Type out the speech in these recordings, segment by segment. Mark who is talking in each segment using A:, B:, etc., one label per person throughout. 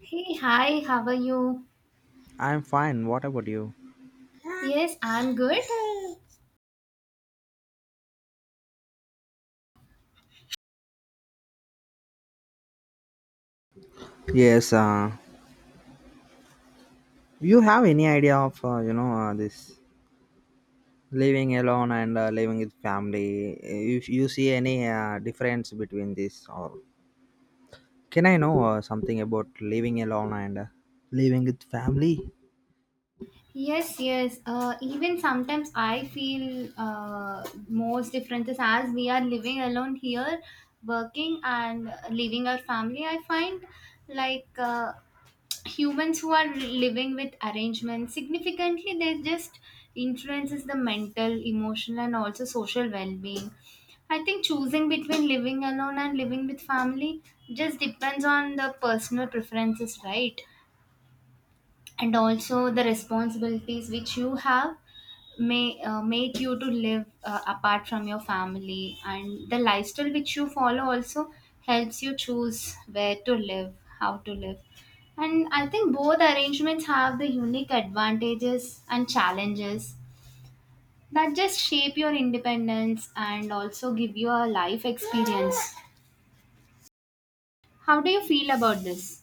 A: Hey, hi, how are you?
B: I'm fine. What about you?
A: Yes, I'm good.
B: Yes. You have any idea of this living alone and living with family? If you see any difference between this, or can I know something about living alone and living with family?
A: Yes, yes. Even sometimes I feel most differences as we are living alone here, working and leaving our family. I find like uh, humans who are living with arrangements significantly they just influences the mental emotional and also social well-being. I think choosing between living alone and living with family just depends on the personal preferences, right? And also the responsibilities which you have may make you to live apart from your family, and the lifestyle which you follow also helps you choose where to live, how to live. And I think both arrangements have the unique advantages and challenges that just shape your independence and also give you a life experience. How do you feel about this?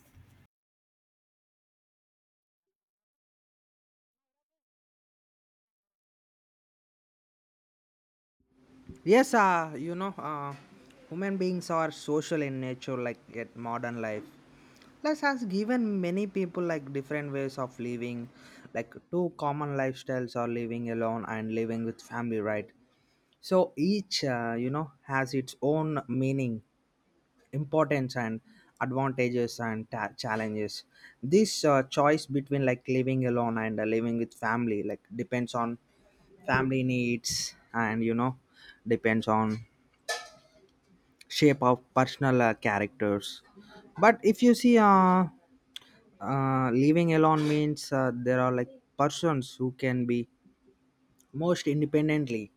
B: Yes. Human beings are social in nature, like at modern life. Life has given many people like different ways of living, like two common lifestyles are living alone and living with family, right? So each, has its own meaning, importance, and advantages and challenges. This choice between like living alone and living with family like depends on family needs and you know depends on shape of personal characters. But if you see, living alone means there are like persons who can be most independently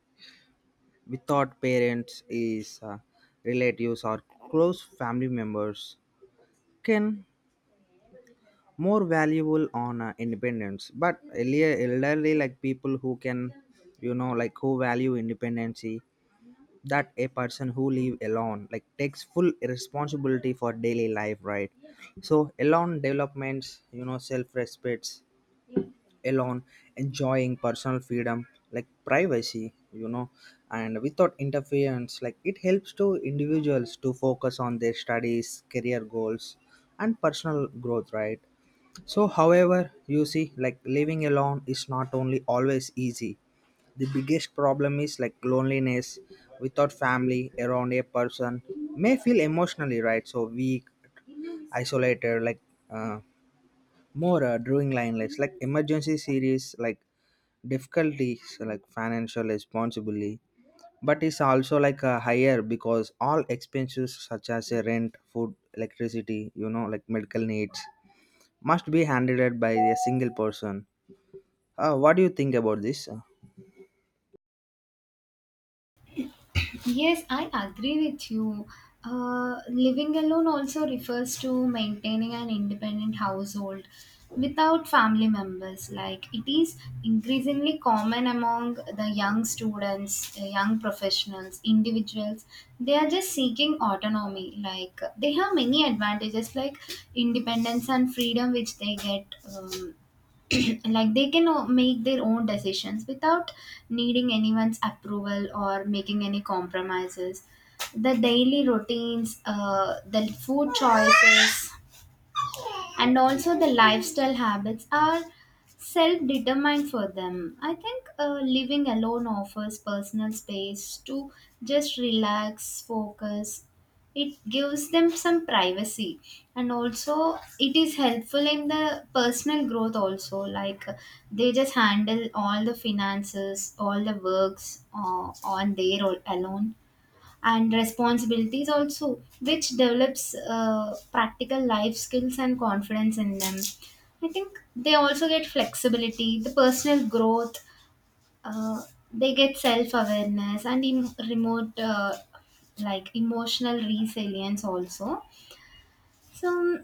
B: without parents is relatives or close family members can more valuable on independence but earlier elderly like people who can you know like who value independency that a person who live alone like takes full responsibility for daily life, right? So alone developments you know self respects alone enjoying personal freedom like privacy you know and without interference like it helps to individuals to focus on their studies career goals and personal growth, right? So however you see like living alone is not only always easy, the biggest problem is like loneliness without family around a person may feel emotionally right so weak isolated like uh, more drawing line like emergency series like difficulties like financial responsibility, but it's also like a higher because all expenses such as rent food electricity you know like medical needs must be handled by a single person. What do you think about this?
A: Yes, I agree with you. Living alone also refers to maintaining an independent household without family members. Like it is increasingly common among the young students, young professionals, individuals. They are just seeking autonomy. Like they have many advantages, like independence and freedom, which they get. Um, like they can make their own decisions without needing anyone's approval or making any compromises. The daily routines, the food choices and also the lifestyle habits are self determined for them. I think living alone offers personal space to just relax, focus. It gives them some privacy, and also it is helpful in the personal growth also, like they just handle all the finances, all the works, on their own alone, and responsibilities also, which develops practical life skills and confidence in them. I think they also get flexibility, the personal growth. uh, they get self-awareness and remote like emotional resilience also. So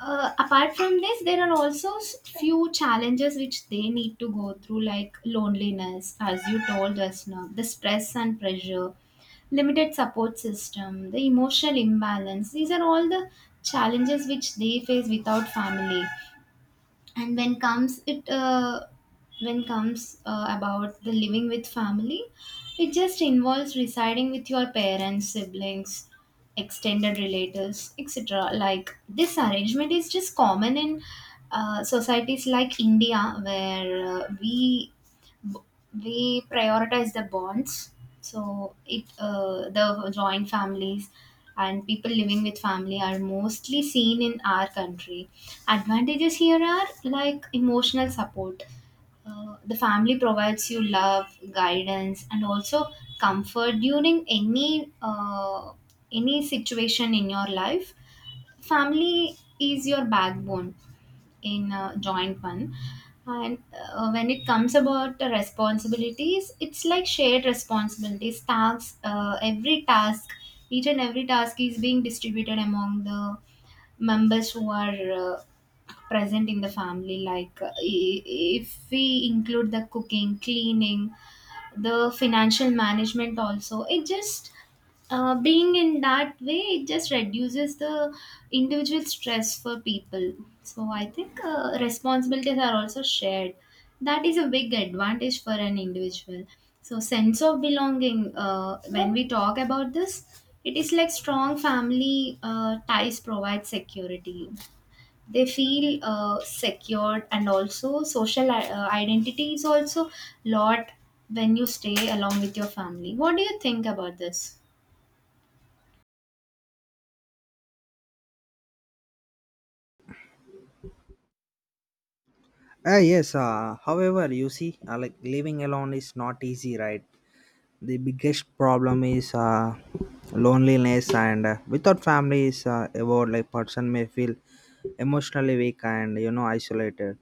A: apart from this, there are also few challenges which they need to go through, like loneliness, as you told us now, the stress and pressure, limited support system, the emotional imbalance. These are all the challenges which they face without family. And when comes it When comes about the living with family, it just involves residing with your parents, siblings, extended relatives, etc. Like this arrangement is just common in societies like India, where we prioritize the bonds. So it the joint families and people living with family are mostly seen in our country. Advantages here are like emotional support. The family provides you love, guidance, and also comfort during any situation in your life. Family is your backbone in a joint one. And when it comes about the responsibilities, it's like shared responsibilities, tasks. Every task Each and every task is being distributed among the members who are present in the family. Like if we include the cooking, cleaning, the financial management also, it just being in that way, it just reduces the individual stress for people. So I think responsibilities are also shared. That is a big advantage for an individual. So sense of belonging, when we talk about this, it is like strong family ties provide security. They feel secured, and also social identity is also lot when you stay along with your family. What do you think about this?
B: Yes however you see like living alone is not easy, right? The biggest problem is loneliness and without family is about like person may feel emotionally weak and you know isolated.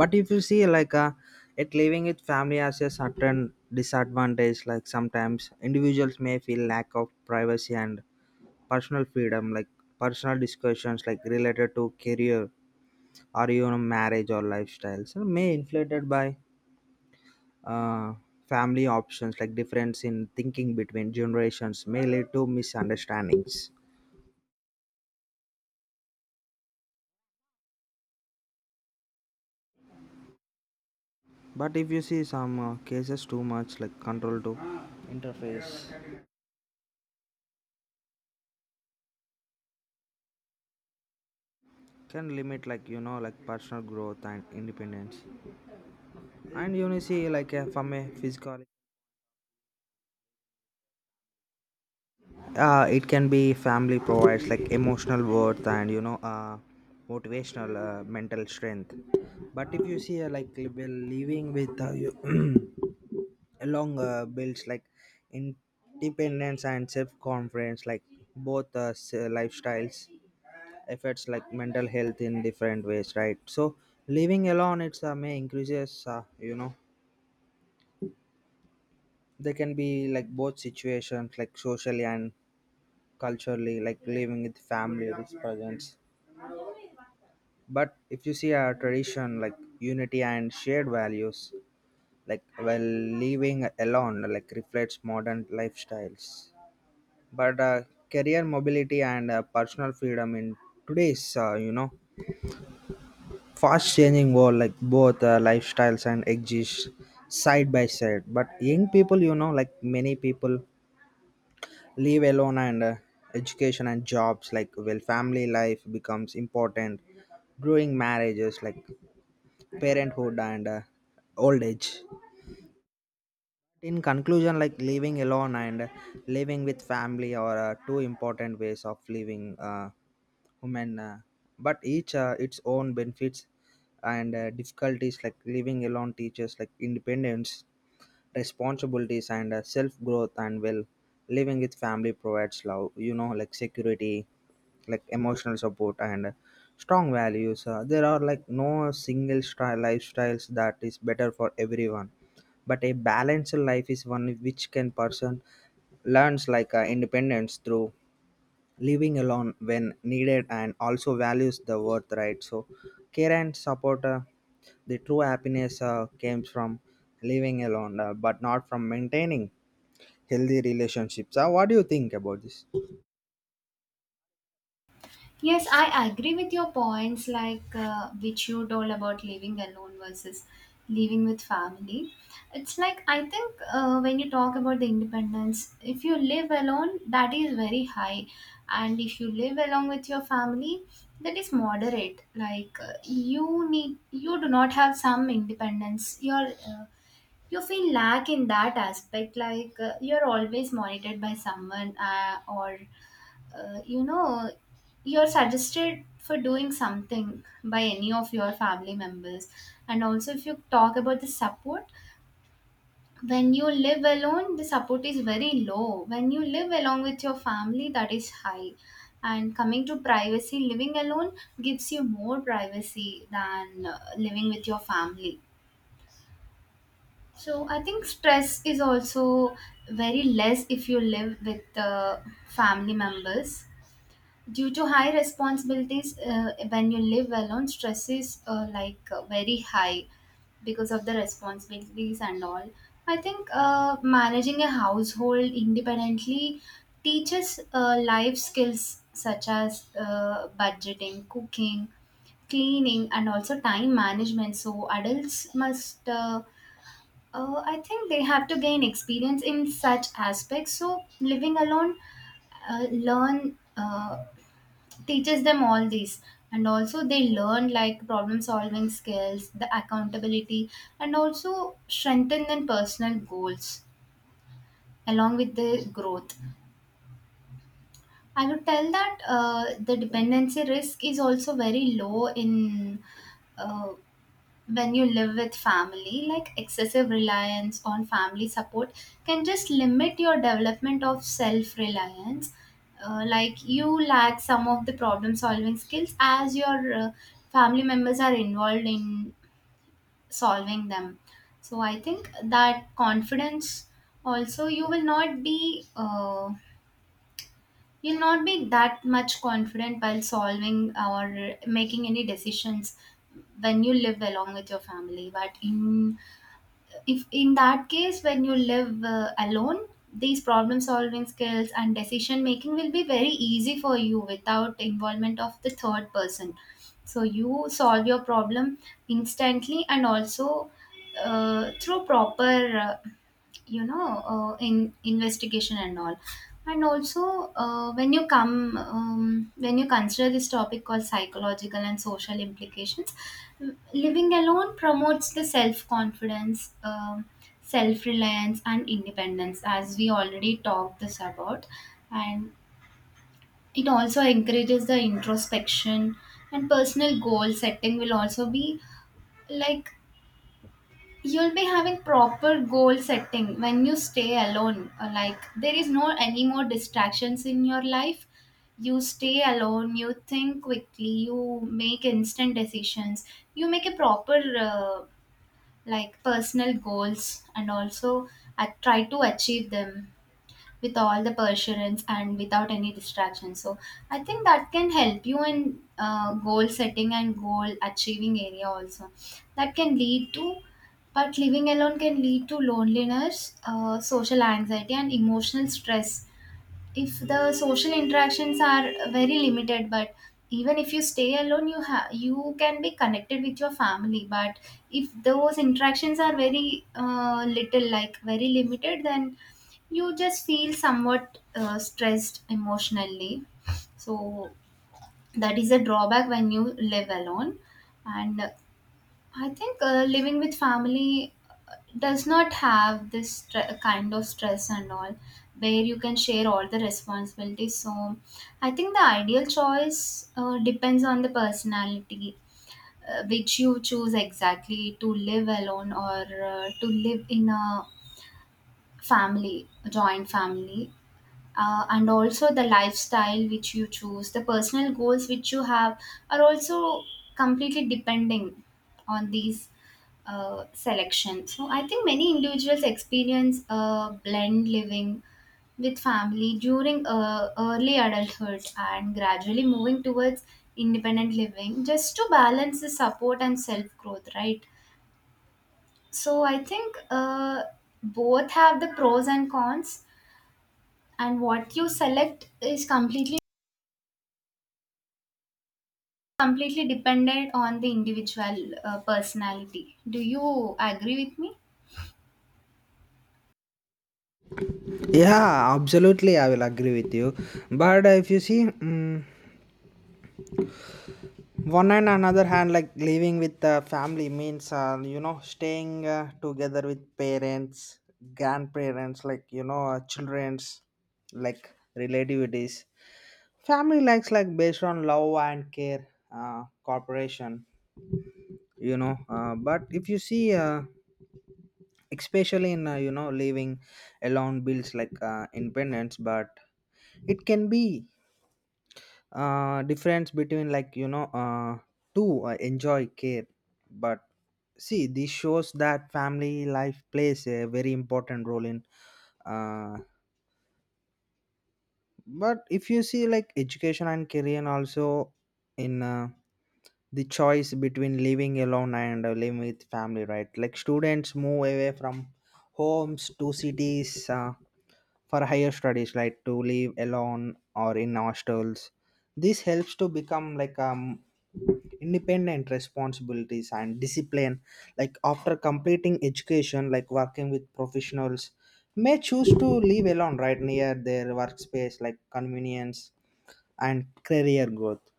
B: But if you see like it living with family has a certain disadvantage like sometimes individuals may feel lack of privacy and personal freedom like personal discussions like related to career or you know marriage or lifestyles may inflated by uh, family options like difference in thinking between generations may lead to misunderstandings. But if you see some cases too much like control to interface can limit like you know like personal growth and independence. And you know see like from a physical it can be family provides like emotional worth and you know motivational mental strength. But if you see like well, living with you along builds like independence and self-confidence like both lifestyles affects like mental health in different ways, right? So living alone it's may increases you know there can be like both situations like socially and culturally like living with family with presence. But if you see our tradition like unity and shared values like while living alone like reflects modern lifestyles, but career mobility and personal freedom in today's fast changing world like both lifestyles and exist side by side. But young people you know like many people live alone and education and jobs like well family life becomes important growing marriages like parenthood and old age. In conclusion, like living alone and living with family are two important ways of living, women but each its own benefits and difficulties like living alone teaches like independence responsibilities and self growth. And well living with family provides love you know like security like emotional support and strong values. There are like no single style lifestyles that is better for everyone, but a balanced life is one which can person learns like independence through living alone when needed and also values the worth, right? So care and support, the true happiness comes from living alone, but not from maintaining healthy relationships. What do you think about this?
A: Yes, I agree with your points, like which you told about living alone versus living with family. It's like I think when you talk about the independence, if you live alone, that is very high, and if you live along with your family, that is moderate. Like you do not have some independence. You feel lack in that aspect, like you're always monitored by someone or uh, you know, you're suggested for doing something by any of your family members. And also, if you talk about the support, when you live alone, the support is very low. When you live along with your family, that is high. And coming to privacy, living alone gives you more privacy than living with your family. So I think stress is also very less if you live with family members. Due to high responsibilities, when you live alone, stress is very high because of the responsibilities and all. I think managing a household independently teaches life skills such as budgeting, cooking, cleaning, and also time management. So, adults must, I think, they have to gain experience in such aspects. So, living alone, learn. Teaches them all these, and also they learn like problem solving skills, the accountability, and also strengthen their personal goals along with the growth. I would tell that the dependency risk is also very low in uh, when you live with family, like excessive reliance on family support can just limit your development of self reliance. Like you lack some of the problem solving skills as your family members are involved in solving them. So I think that confidence also, you will not be you'll not be that much confident while solving or making any decisions when you live along with your family. But in if in that case, when you live alone, these problem solving skills and decision making will be very easy for you without involvement of the third person. So you solve your problem instantly, and also through proper in investigation and all. And also when you come when you consider this topic called psychological and social implications, living alone promotes the self confidence, self reliance, and independence, as we already talked this about. And it also encourages the introspection, and personal goal setting will also be like you'll be having proper goal setting when you stay alone. Like there is no any more distractions in your life. You stay alone, you think quickly, you make instant decisions. You make a proper uh, like personal goals, and also try to achieve them with all the perseverance and without any distraction. So I think that can help you in goal setting and goal achieving area also. That can lead to, but living alone can lead to loneliness, social anxiety, and emotional stress if the social interactions are very limited. But even if you stay alone, you can be connected with your family. But if those interactions are very little, like very limited, then you just feel somewhat stressed emotionally. So that is a drawback when you live alone. And I think living with family does not have this kind of stress and all, where you can share all the responsibilities. So, I think the ideal choice depends on the personality, which you choose exactly to live alone or to live in a family, a joint family. And also the lifestyle which you choose, the personal goals which you have, are also completely depending on these selection. So I think many individuals experience a blend living with family during early adulthood and gradually moving towards independent living just to balance the support and self growth, right? So I think both have the pros and cons, and what you select is completely dependent on the individual personality. Do you agree with me?
B: Yeah, absolutely, I will agree with you. But if you see, mm, one and another hand, like living with the family means, you know, staying together with parents, grandparents, like, you know, children's, like relativities. Family likes like based on love and care, cooperation, you know. But if you see, especially in, you know, living alone builds like independence, but it can be difference between like you know to enjoy care. But see this shows that family life plays a very important role in uh but if you see like education and career also in the choice between living alone and living with family, right? Like students move away from homes to cities for higher studies like to live alone or in hostels. This helps to become like independent responsibilities and discipline like after completing education like working with professionals may choose to live alone right near their workspace like convenience and career growth.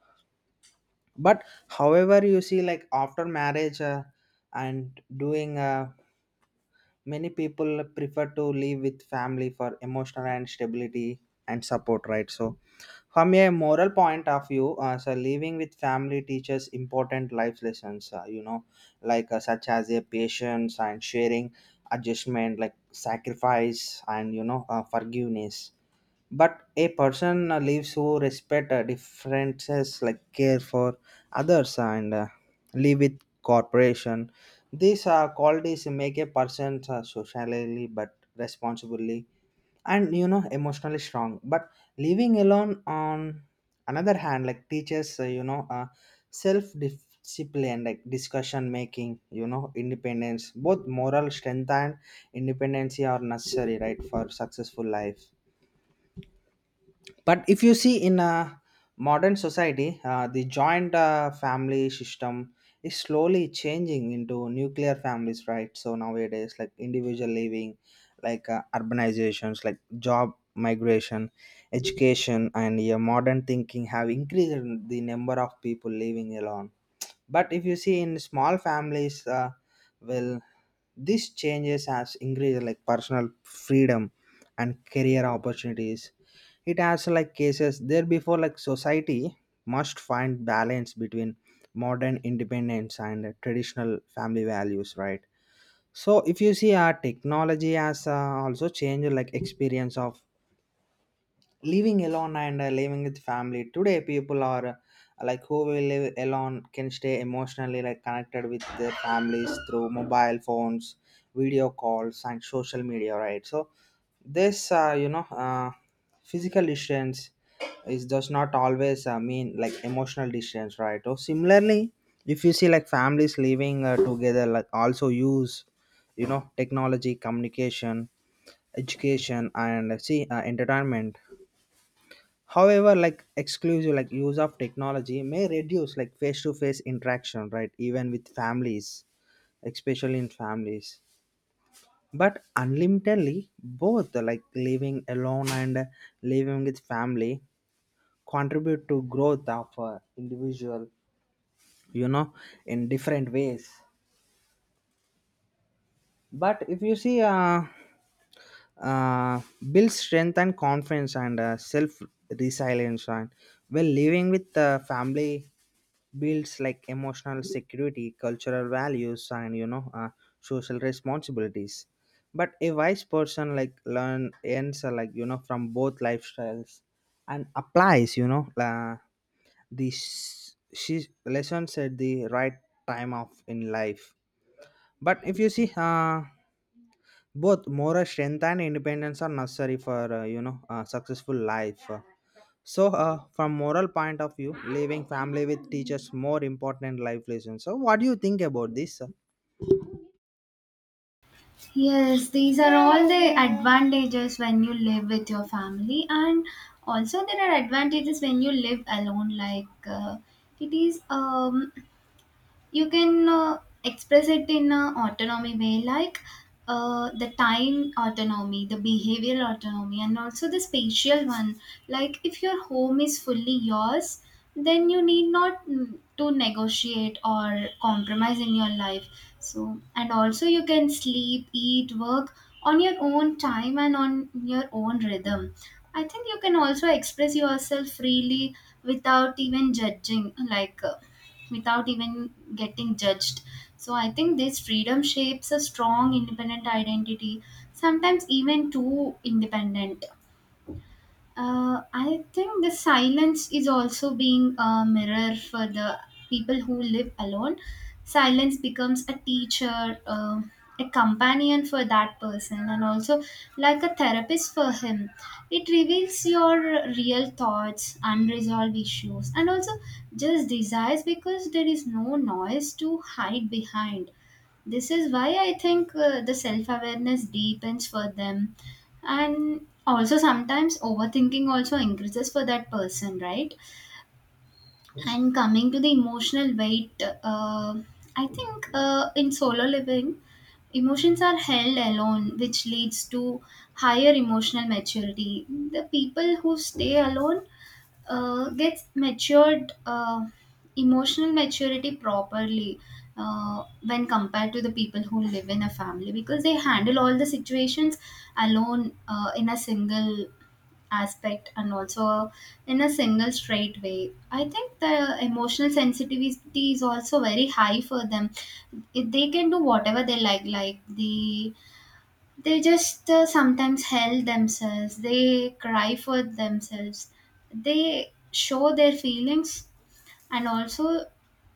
B: But however you see like after marriage, and doing, many people prefer to live with family for emotional and stability and support, right? So from a moral point of view, so living with family teaches important life lessons, you know, like such as a patience and sharing adjustment like sacrifice and you know forgiveness. But a person lives who respect differences like care for others and live with cooperation. These qualities make a person socially but responsibly and you know emotionally strong. But living alone on another hand like teaches self discipline like discussion making you know independence. Both moral strength and independency are necessary, right, for successful life. But if you see in a modern society, the joint family system is slowly changing into nuclear families, right? So nowadays like individual living like urbanizations like job migration education and yeah, modern thinking have increased the number of people living alone. But if you see in small families, well these changes has increased like personal freedom and career opportunities. It has like cases there before like society must find balance between modern independence and traditional family values, right? So if you see our technology has also changed like experience of living alone and living with family. Today people are like who will live alone can stay emotionally like connected with their families through mobile phones video calls and social media, right? So this physical distance is does not always mean like emotional distance, right? Or similarly, if you see like families living together like also use you know technology communication education and see entertainment. However, like exclusive like use of technology may reduce like face to face interaction, right, even with families, especially in families. But unlimitedly both like living alone and living with family contribute to growth of individual you know in different ways. But if you see uh, build strength and confidence and self resilience and well living with the family builds like emotional security cultural values and you know social responsibilities. But a wise person like learn ends like you know from both lifestyles and applies you know these she lessons at the right time of in life. But if you see, both moral strength and independence are necessary for a successful life. So from moral point of view leaving family with teachers more important life lessons. So what do you think about this, sir?
A: Yes, these are all the advantages when you live with your family, and also there are advantages when you live alone. Like it is you can express it in a autonomy way, like the time autonomy, the behavioral autonomy, and also the spatial one. Like if your home is fully yours, then you need not, to negotiate or compromise in your life. So and also you can sleep, eat, work on your own time and on your own rhythm. I think you can also express yourself freely without even judging, like without even getting judged. So I think this freedom shapes a strong independent identity, sometimes even too independent. I think the silence is also being a mirror for the people who live alone. Silence becomes a teacher, a companion for that person, and also like a therapist for him. It reveals your real thoughts, unresolved issues, and also just desires because there is no noise to hide behind. This is why I think the self awareness deepens for them, and also sometimes overthinking also increases for that person, right? And coming to the emotional weight, I think in solo living, emotions are held alone, which leads to higher emotional maturity. The people who stay alone gets matured emotional maturity properly when compared to the people who live in a family, because they handle all the situations alone in a single aspect, and also in a single straight way. I think the emotional sensitivity is also very high for them. They can do whatever they like. Like they just sometimes help themselves, they cry for themselves, they show their feelings. And also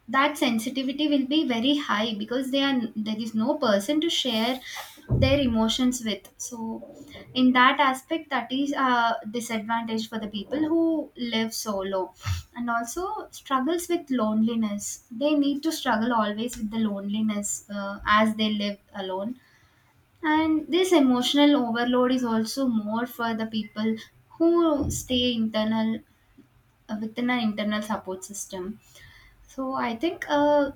A: that sensitivity will be very high because they are there is no person to share their emotions with. So in that aspect, that is a disadvantage for the people who live solo. And also struggles with loneliness, they need to struggle always with the loneliness as they live alone. And this emotional overload is also more for the people who stay internal within an internal support system. So I think,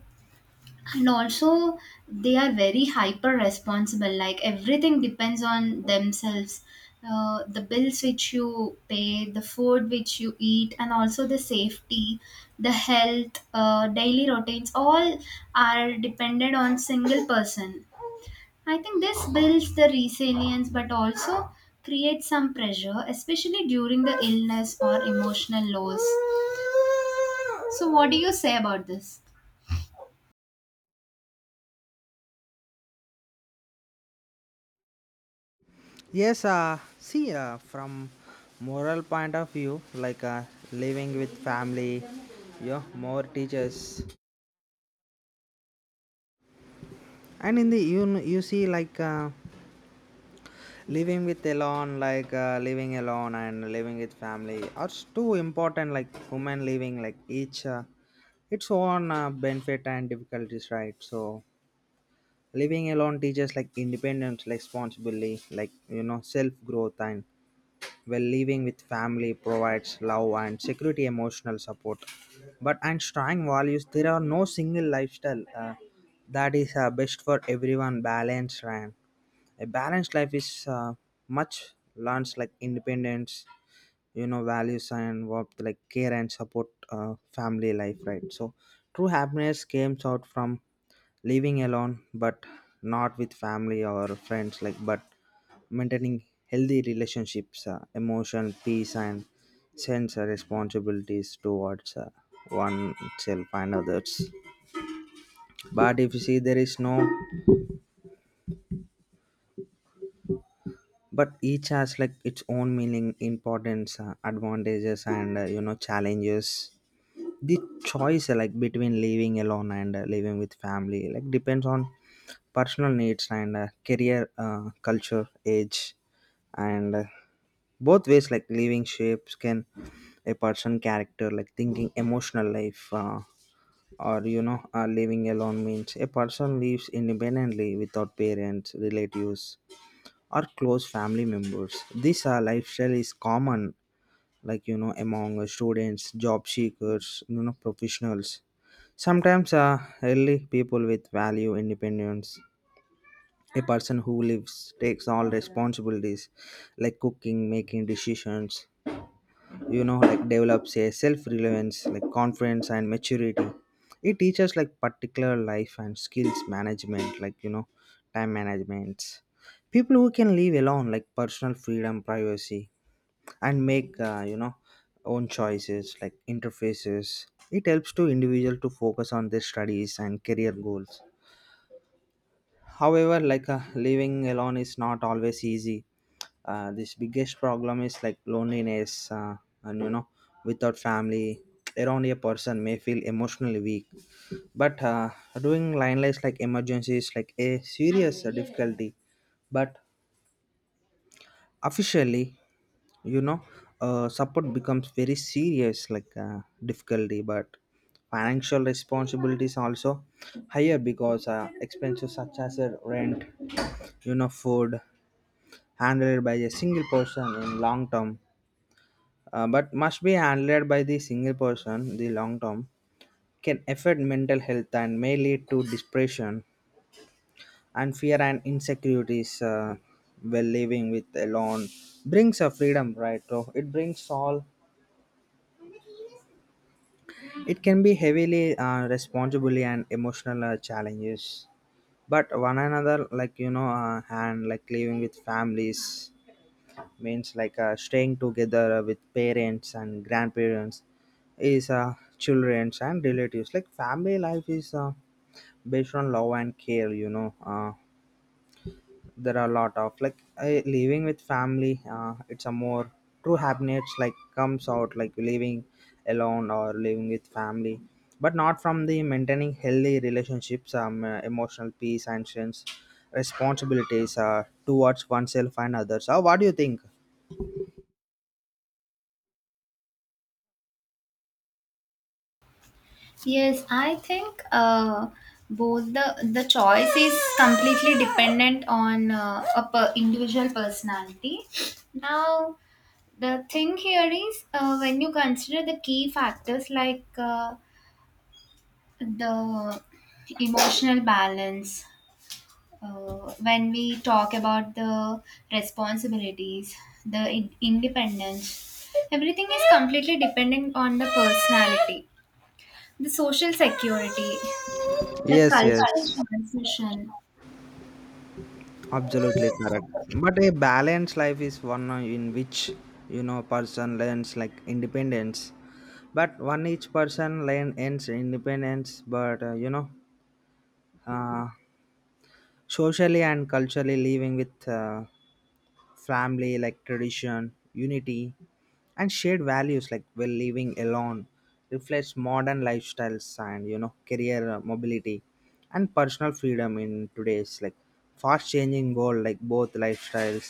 A: and also they are very hyper responsible. Like everything depends on themselves. The bills which you pay, the food which you eat, and also the safety, the health, daily routines, all are dependent on single person. I think this builds the resilience but also creates some pressure, especially during the illness or emotional lows. So, what do you say about this?
B: Yes, see, from moral point of view like living with family you know, more teachers and in the you, you see like living with alone like living alone and living with family are too important like women living like each its own benefit and difficulties, right? So living alone teaches like independence like responsibility like you know self growth. And while living with family provides love and security, emotional support. But and strong values, there are no single lifestyle that is best for everyone. Balanced and a balanced life is much learns like independence you know values and what like care and support, uh, family life, right? So true happiness comes out from living alone but not with family or friends like but maintaining healthy relationships, emotional peace and sense of responsibilities towards oneself and others. But if you see there is no but each has like its own meaning importance, advantages and you know challenges. The choice, like between living alone and living with family like depends on personal needs and career culture age and, both ways like living shapes can a person character like thinking emotional life, or you know living alone means a person lives independently without parents relatives or close family members. This lifestyle is common like you know among students job seekers you know professionals. Sometimes, really, people with value independence, a person who lives, takes all responsibilities, like cooking, making decisions, you know, like develops a self reliance, like confidence and maturity. It teaches like particular life and skills management, like, you know, time management. People who can live alone, like personal freedom, privacy, and make own choices like interfaces it helps to individual to focus on their studies and career goals. However, like living alone is not always easy. This biggest problem is like loneliness, and you know without family around a person may feel emotionally weak. But doing line lights like emergency is like a serious difficulty, but officially you know support becomes very serious like difficulty. But financial responsibilities also higher because expenses such as rent you know food handled by a single person in long term, but must be handled by the single person the long term can affect mental health and may lead to depression and fear and insecurities, while living with alone brings a freedom, right? So it brings all it can be heavily responsibility and emotional challenges, but one another like you know and like living with families means like staying together with parents and grandparents is childrens and relatives. Like family life is based on love and care. You know. There are a lot of like I, living with family, it's a more true happiness like comes out like living alone or living with family but not from the maintaining healthy relationships, emotional peace and sense responsibilities towards oneself and others. What do you think?
A: Yes, I think both the choice is completely dependent on individual personality. Now, the thing here is when you consider the key factors like the emotional balance, when we talk about the responsibilities, the independence, everything is completely dependent on the personality, the social security, the
B: Yes,
A: cultural
B: yes,
A: transmission.
B: absolutely correct. But a balanced life is one in which you know person learns like independence. But one each person learn ends independence, but you know, uh, socially and culturally living with family like tradition unity and shared values like well living alone reflects modern lifestyles and you know career mobility and personal freedom in today's like fast changing world like both lifestyles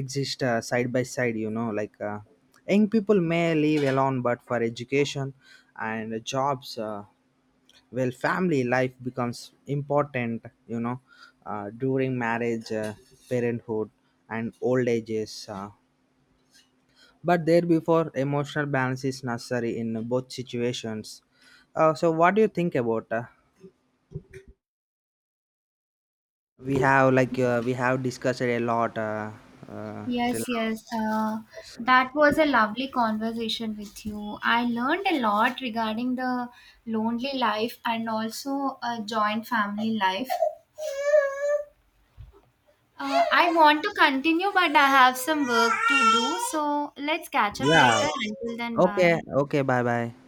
B: exist side by side, you know like young people may live alone but for education and jobs, well family life becomes important you know during marriage, parenthood and old ages, but there before emotional balance is necessary in both situations. So what do you think about, we have like we have discussed it a lot, till
A: Yes,
B: now.
A: yes. That was a lovely conversation with you. I learned a lot regarding the lonely life and also a joint family life. I want to continue, but I have some work to do. So let's catch up
B: Yeah.
A: later. Until then, bye.
B: Okay. Okay, bye bye.